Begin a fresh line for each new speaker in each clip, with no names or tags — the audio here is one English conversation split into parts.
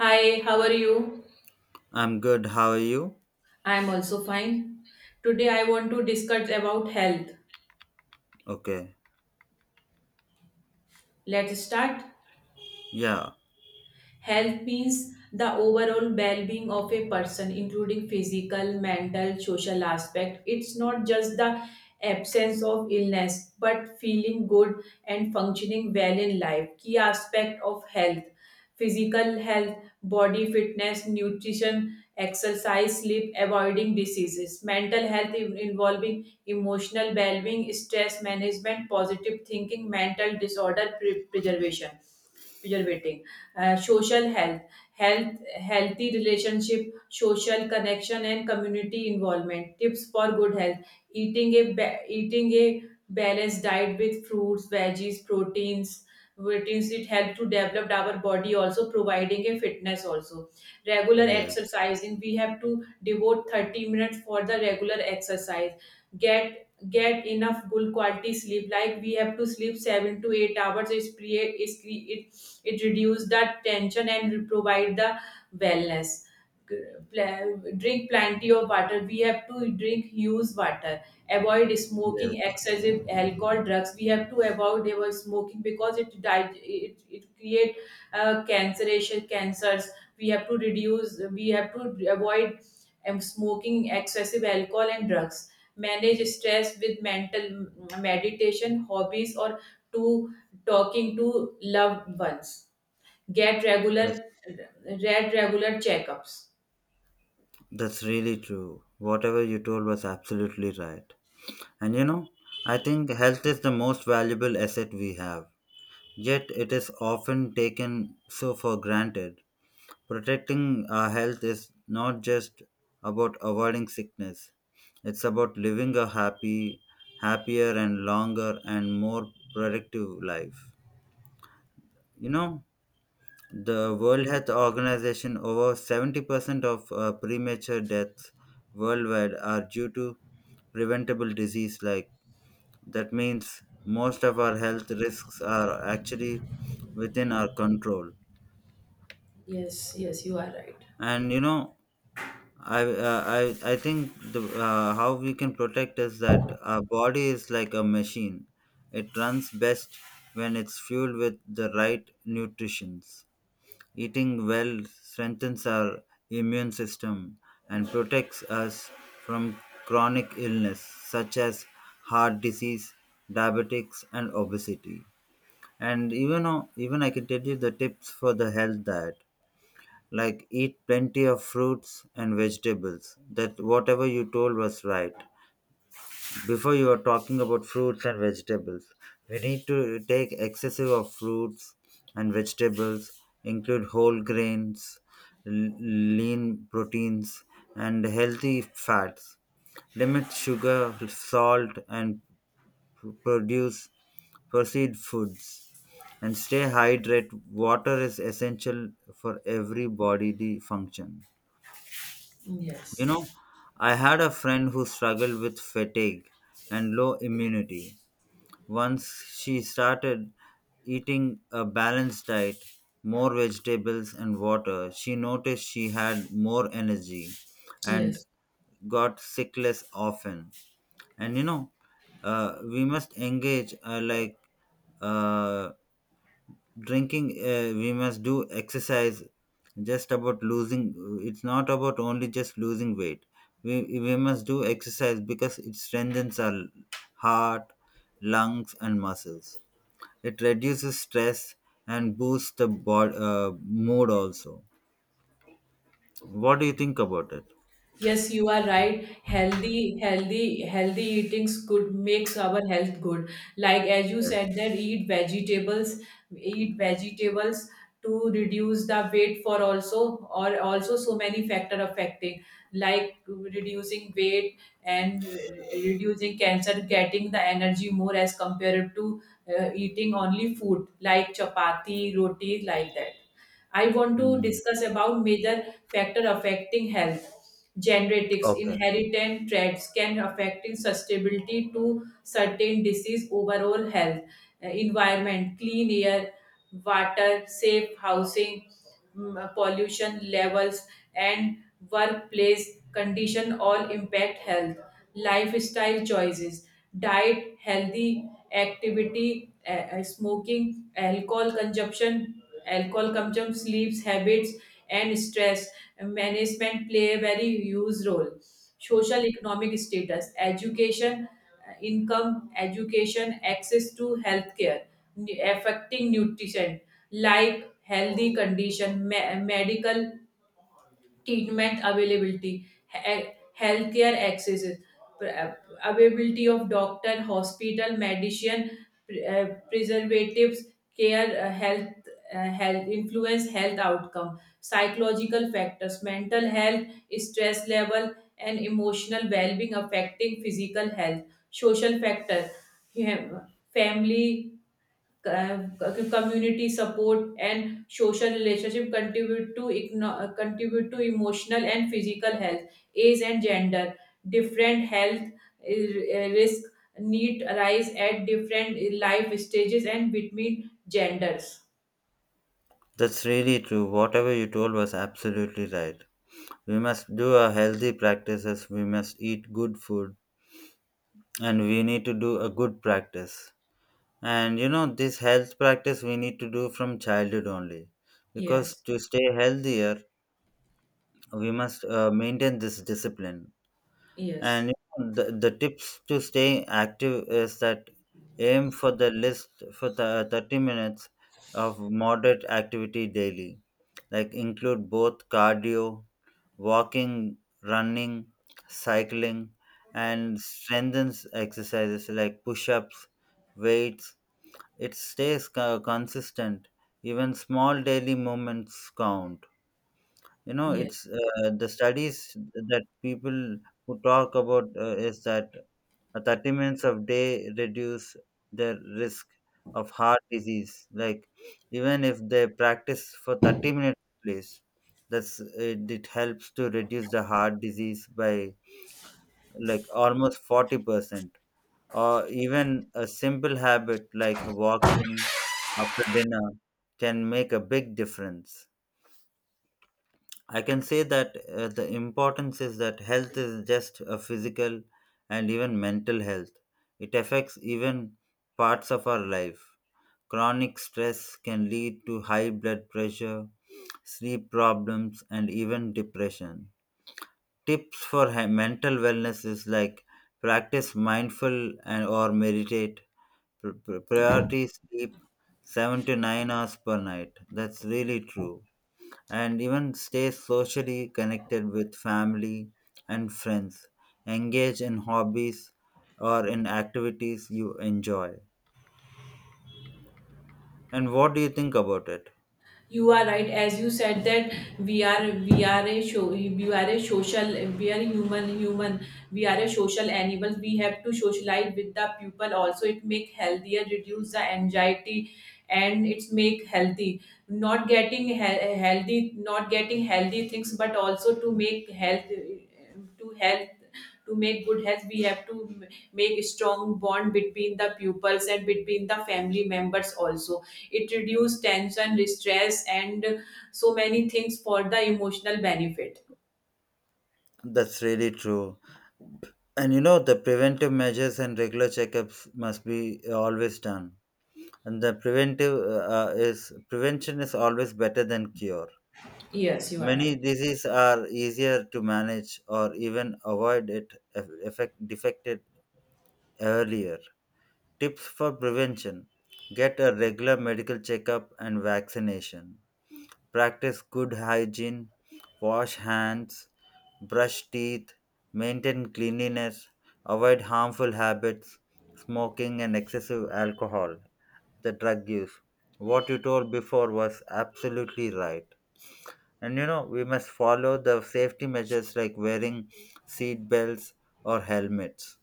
Hi, how are you?
I'm good. How are you?
I am also fine. Today I want to discuss about health.
Okay.
Let's start.
Yeah.
Health means the overall well-being of a person, including physical, mental, social aspect. It's not just the absence of illness, but feeling good and functioning well in life. Key aspect of health: physical health, body fitness, nutrition, exercise, sleep, avoiding diseases. Mental health involving emotional well-being, stress management, positive thinking, mental disorder preservation, preservating, social health. Healthy relationship, social connection, and community involvement. Tips for good health: eating a balanced diet with fruits, veggies, proteins. It help to develop our body, also providing a fitness also. Regular
Yes.
exercising, we have to devote 30 minutes for the regular exercise. Get enough good quality sleep, like we have to sleep 7 to 8 hours is it reduce that tension and provide the wellness. G- Drink plenty of water, we have to drink use water. Avoid smoking,
Yes.
excessive alcohol, drugs. We have to avoid smoking because it create, canceration, cancers. We have to avoid, smoking, excessive alcohol, and drugs. Manage stress with meditation, hobbies, or to talking to loved ones. Get
That's
regular, checkups.
that's really true. Whatever you told was absolutely right. And you know, I think health is the most valuable asset we have. Yet it is often taken so for granted. Protecting our health is not just about avoiding sickness. It's about living a happy, happier and longer and more productive life. You know, the World Health Organization over 70% of premature deaths worldwide are due to preventable disease like that means most of our health risks are actually within our control.
Yes, yes, you are right.
And you know, I think the how we can protect is that our body is like a machine. It runs best when it's fueled with the right nutritions. Eating well strengthens our immune system and protects us from chronic illness such as heart disease, diabetics, and obesity. And even I can tell you the tips for the health diet, like eat plenty of fruits and vegetables. That whatever you told was right. Before you are talking about fruits and vegetables, we need to take excessive of fruits and vegetables, include whole grains, l- lean proteins and healthy fats, limit sugar, salt and produce proceed foods, and stay hydrated. Water is essential for every bodily function. You
Yes,
know, I had a friend who struggled with fatigue and low immunity. Once she started eating a balanced diet, more vegetables and water, she noticed she had more energy and
yes.
got sick less often. And you know, we must engage uh, we must do exercise. just about losing, it's not about only just losing weight. We must do exercise because it strengthens our heart, lungs, and muscles. It reduces stress and boosts the bod mood also. What do you think about it?
Yes, you are right. Healthy eatings could makes our health good. Like as you
Yes.
said that eat vegetables to reduce the weight for also, or also so many factor affecting, like reducing weight, and reducing cancer, getting the energy more as compared to, eating only food like chapati, roti like that. I want to
Hmm.
discuss about major factor affecting health. Genetics,
Okay.
inherited traits can affect in sustainability to certain disease, overall health. Environment, clean air, water, safe housing, pollution levels, and workplace condition all impact health. Lifestyle choices, diet, healthy activity, smoking, alcohol consumption, sleeps habits, and stress management play a very huge role. Social economic status, education, income, education, access to healthcare, affecting nutrition, like healthy condition, medical treatment availability, he- eh, healthcare access, pr- availability of doctor, hospital, medicine, pre- uh, preservatives, care, health, health influence, health outcome, psychological factors, mental health, stress level, and emotional well-being affecting physical health, social factor, yeah, family, uh, community support, and social relationship contribute to, contribute to emotional and physical health. Age and gender, different health, risk, need arise at different life stages and between genders.
That's really true. Whatever you told was absolutely right. We must do a healthy practices. We must eat good food and we need to do a good practice. And you know, this health practice we need to do from childhood only because
Yes,
to stay healthier, we must maintain this discipline And
yes,
you know, the tips to stay active is that aim for the list for the 30 minutes of moderate activity daily, like include both cardio, walking, running, cycling, and strengthens exercises like push ups, weights. It stays consistent. Even small daily movements count. You know,
yes,
it's the studies that people who talk about is that 30 minutes of day reduce their risk of heart disease, like even if they practice for 30 minutes at least, that's it, it helps to reduce the heart disease by like almost 40%, or even a simple habit like walking after dinner can make a big difference. I can say that the importance is that health is just a physical and even mental health. It affects even parts of our life. Chronic stress can lead to high blood pressure, sleep problems, and even depression. Tips for mental wellness is like practice mindful and or meditate, priority sleep 7 to 9 hours per night. That's really true, and even stay socially connected with family and friends, engage in hobbies or in activities you enjoy. And what do you think about it?
you are right. As you said that, we are a show, we are a social, we are human, we are a social animal. We have to socialize with the people, also it make healthier, reduce the anxiety, and it's make healthy. Not getting healthy things, but also to make health, to health to make good health. We have to make strong bond between the pupils, and between the family members, also it reduce tension, stress, and so many things for the emotional benefit.
That's really true. And you know, the preventive measures and regular checkups must be always done. And the preventive is prevention is always better than cure.
Yes, you are right.
Many diseases are easier to manage or even avoid it effect, defected earlier. Tips for prevention. Get a regular medical checkup and vaccination. Practice good hygiene. Wash hands. Brush teeth. Maintain cleanliness. Avoid harmful habits, smoking, and excessive alcohol. The drug use. What you told before was absolutely right. And you know, we must follow the safety measures like wearing seat belts or helmets.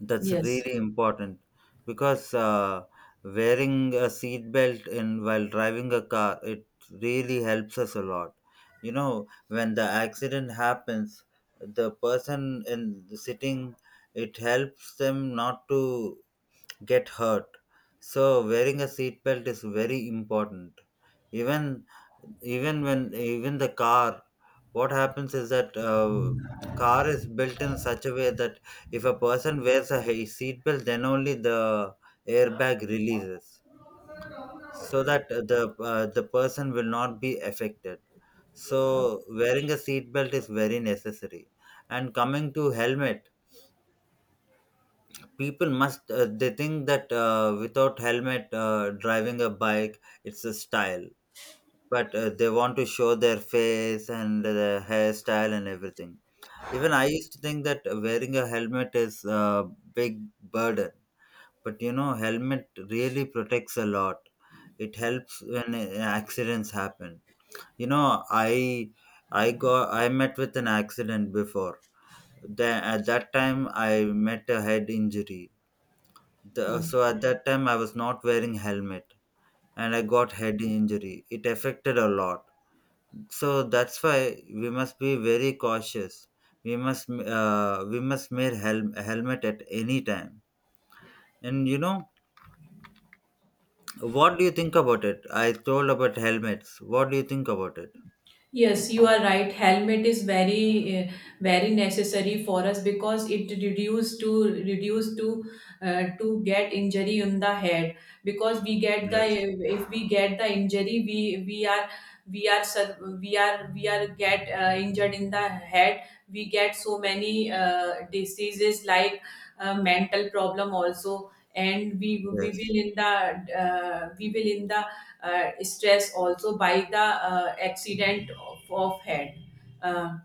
That's
Yes.
really important because wearing a seat belt in while driving a car, it really helps us a lot. You know, when the accident happens, the person in the sitting, it helps them not to get hurt. So wearing a seat belt is very important. Even even when even the car, what happens is that car is built in such a way that if a person wears a seat belt, then only the airbag releases, so that the person will not be affected. So wearing a seat belt is very necessary. And coming to helmet, people must they think that without helmet driving a bike it's a style, but they want to show their face and their hairstyle and everything. Even I used to think that wearing a helmet is a big burden, but you know, helmet really protects a lot. It helps when accidents happen. You know, i I met with an accident before. the, at that time I met a head injury. So at that time I was not wearing helmet and I got head injury. It affected a lot. So that's why we must be very cautious. We must wear helmet at any time. And you know, what do you think about it? I told about helmets. What do you think about it?
Yes, you are right. Helmet is very, very necessary for us because it reduce, to get injury on the head. Because we get
Yes.
if we get the injury, we are, we are get injured in the head. We get so many diseases, like mental problem also, and
Yes.
we will in the, stress also by the, accident of head, uh,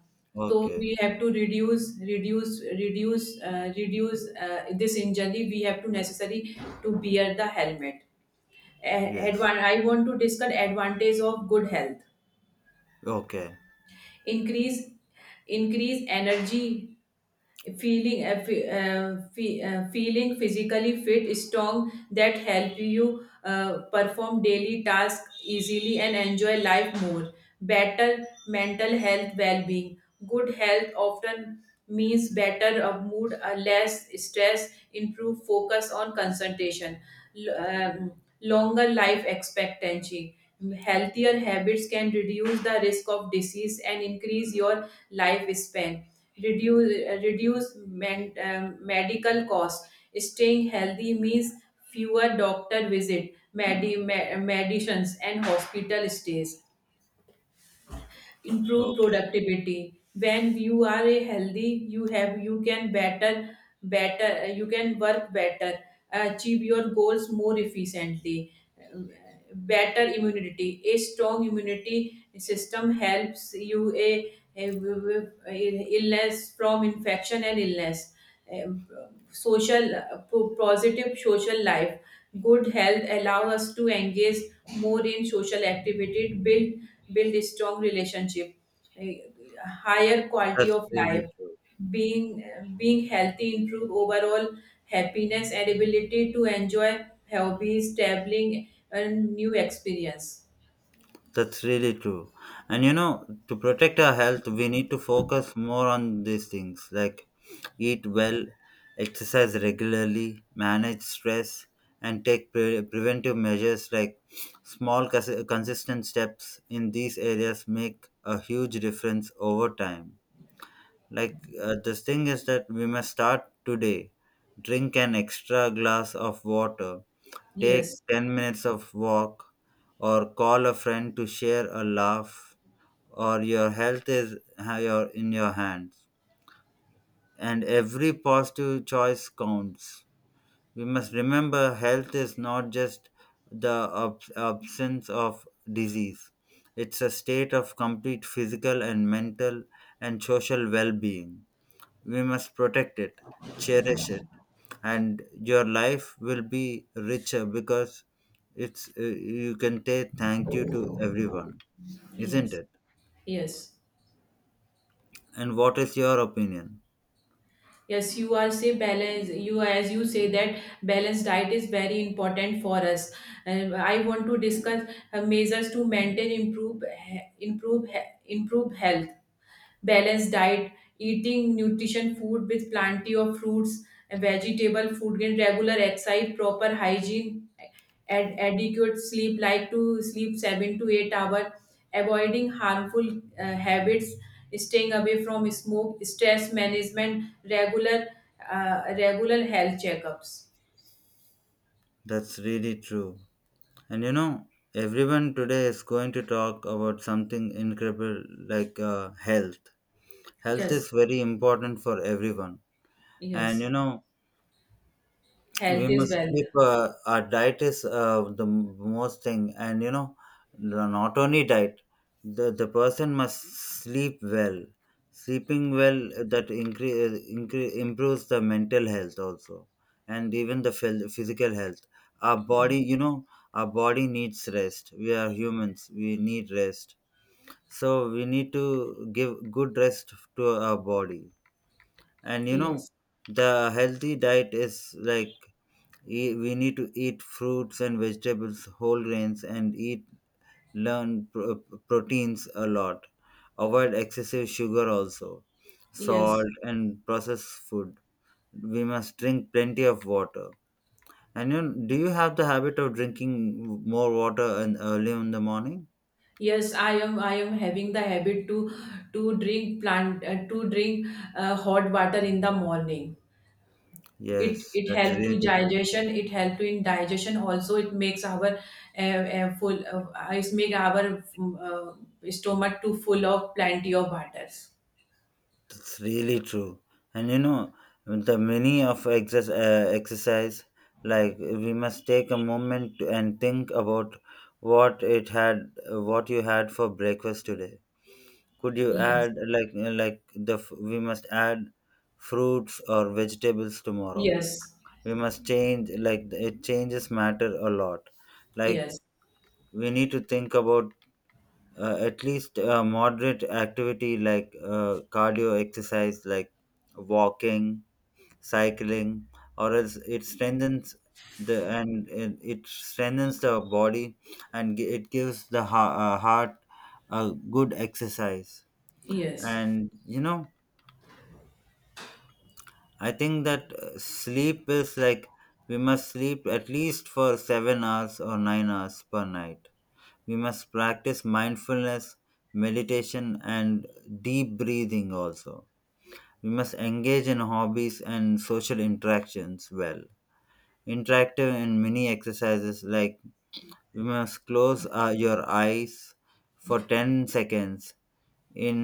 so
Okay.
we have to reduce reduce reduce reduce this injury, we have to necessary to bear the helmet.
Yes.
I want to discuss advantage of good health.
Okay.
Increase increase energy. Feeling physically fit, strong, that help you, perform daily tasks easily and enjoy life more. Better mental health well-being. Good health often means better of mood, less stress, improved focus on concentration. l- um, Longer life expectancy. Healthier habits can reduce the risk of disease and increase your lifespan. Reduce medical cost. Staying healthy means fewer doctor visit, medicines, and hospital stays. Improve
Okay.
productivity: when you are a healthy, you can better, better you can work better, achieve your goals more efficiently. Better immunity: a strong immunity system helps you, a illness from infection and illness. um, Social, positive social life. Good health allow us to engage more in social activity, build a strong relationship, a higher quality
That's
of life.
really true.
Being healthy improve overall happiness and ability to enjoy hobbies, traveling, and new experience.
That's really true. And you know, to protect our health, we need to focus more on these things, like eat well, exercise regularly, manage stress, and take preventive measures like small, consistent steps in these areas make a huge difference over time. Like, the thing is that we must start today. Drink an extra glass of water, take
Yes.
10 minutes of walk, or call a friend to share a laugh, or your health is in your hands and every positive choice counts. We must remember health is not just the absence of disease, it's a state of complete physical and mental and social well being. We must protect it, cherish it, and your life will be richer because it's you can say thank you to everyone, isn't
Yes.
it?
Yes.
And what is your opinion?
Yes, you are say balance you as you say that balanced diet is very important for us. And I want to discuss, measures to maintain, improve, improve health. Balanced diet, eating nutrition food with plenty of fruits and vegetable food, and regular exercise, proper hygiene, ad adequate sleep, like to sleep 7 to 8 hours, avoiding harmful, habits, staying away from smoke, stress management, regular health checkups.
That's really true. And you know, everyone today is going to talk about something incredible, like health. Health
Yes,
is very important for everyone. And
yes.
you know, we
Health is
must
wealth.
keep our diet is the most thing. And you know, not only diet, the person must sleep well. Sleeping well that increase improves the mental health also, and even the physical health. Our body, you know, our body needs rest, we are humans, we need rest, so we need to give good rest to our body. And you
Yes,
know,
yes,
the healthy diet is like, we need to eat fruits and vegetables, whole grains, and eat proteins a lot, avoid excessive sugar also,
yes.
salt and processed food. We must drink plenty of water. And you, do you have the habit of drinking more water in, early in the morning?
Yes, I am. I am having the habit to drink, plant to drink, hot water in the morning. It
Yes,
it
that's
help to
really good.
digestion. It help to in digestion. Also, it makes our, full. It make our, stomach to full of plenty of waters.
It's really true. And you know, the meaning of exercise, like we must take a moment and think about what it had, what you had for breakfast today. Could you
Yes.
add like we must add fruits or vegetables tomorrow.
Yes.
We must change, like it changes matter a lot. Like
Yes.
we need to think about at least moderate activity like cardio exercise, like walking, cycling, or else it strengthens it strengthens the body and it gives the heart a good exercise.
Yes.
And you know, I think that sleep is like we must sleep at least for 7 hours or 9 hours per night. We must practice mindfulness, meditation, and deep breathing also. We must engage in hobbies and social interactions well. Interactive and mini exercises, like we must close your eyes for 10 seconds in,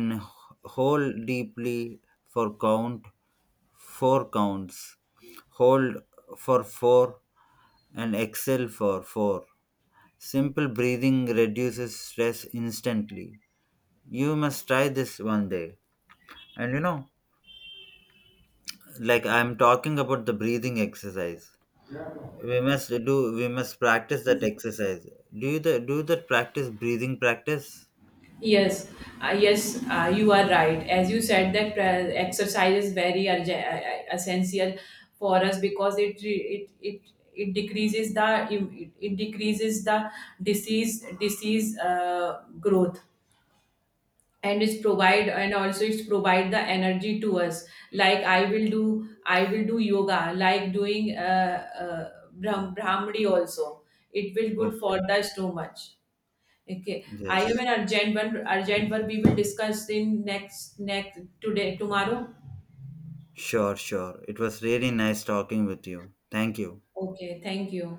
hold deeply for count four counts, hold for four and exhale for four. Simple breathing reduces stress instantly. You must try this one day. And you know, like I'm talking about the breathing exercise. We must practice that exercise. Do you the do that practice breathing practice?
Yes, yes, you are right. As you said that, exercise is very, essential for us because it decreases the, it decreases the disease, growth, and it's provide and also it's provide the energy to us. Like I will do yoga, like doing, Brahmadi also. It will good for
Okay.
the stomach. Okay, I am
Yes.
an urgent one. Urgent one. We will discuss in next, today, tomorrow.
Sure, sure. It was really nice talking with you. Thank you.
Okay, thank you.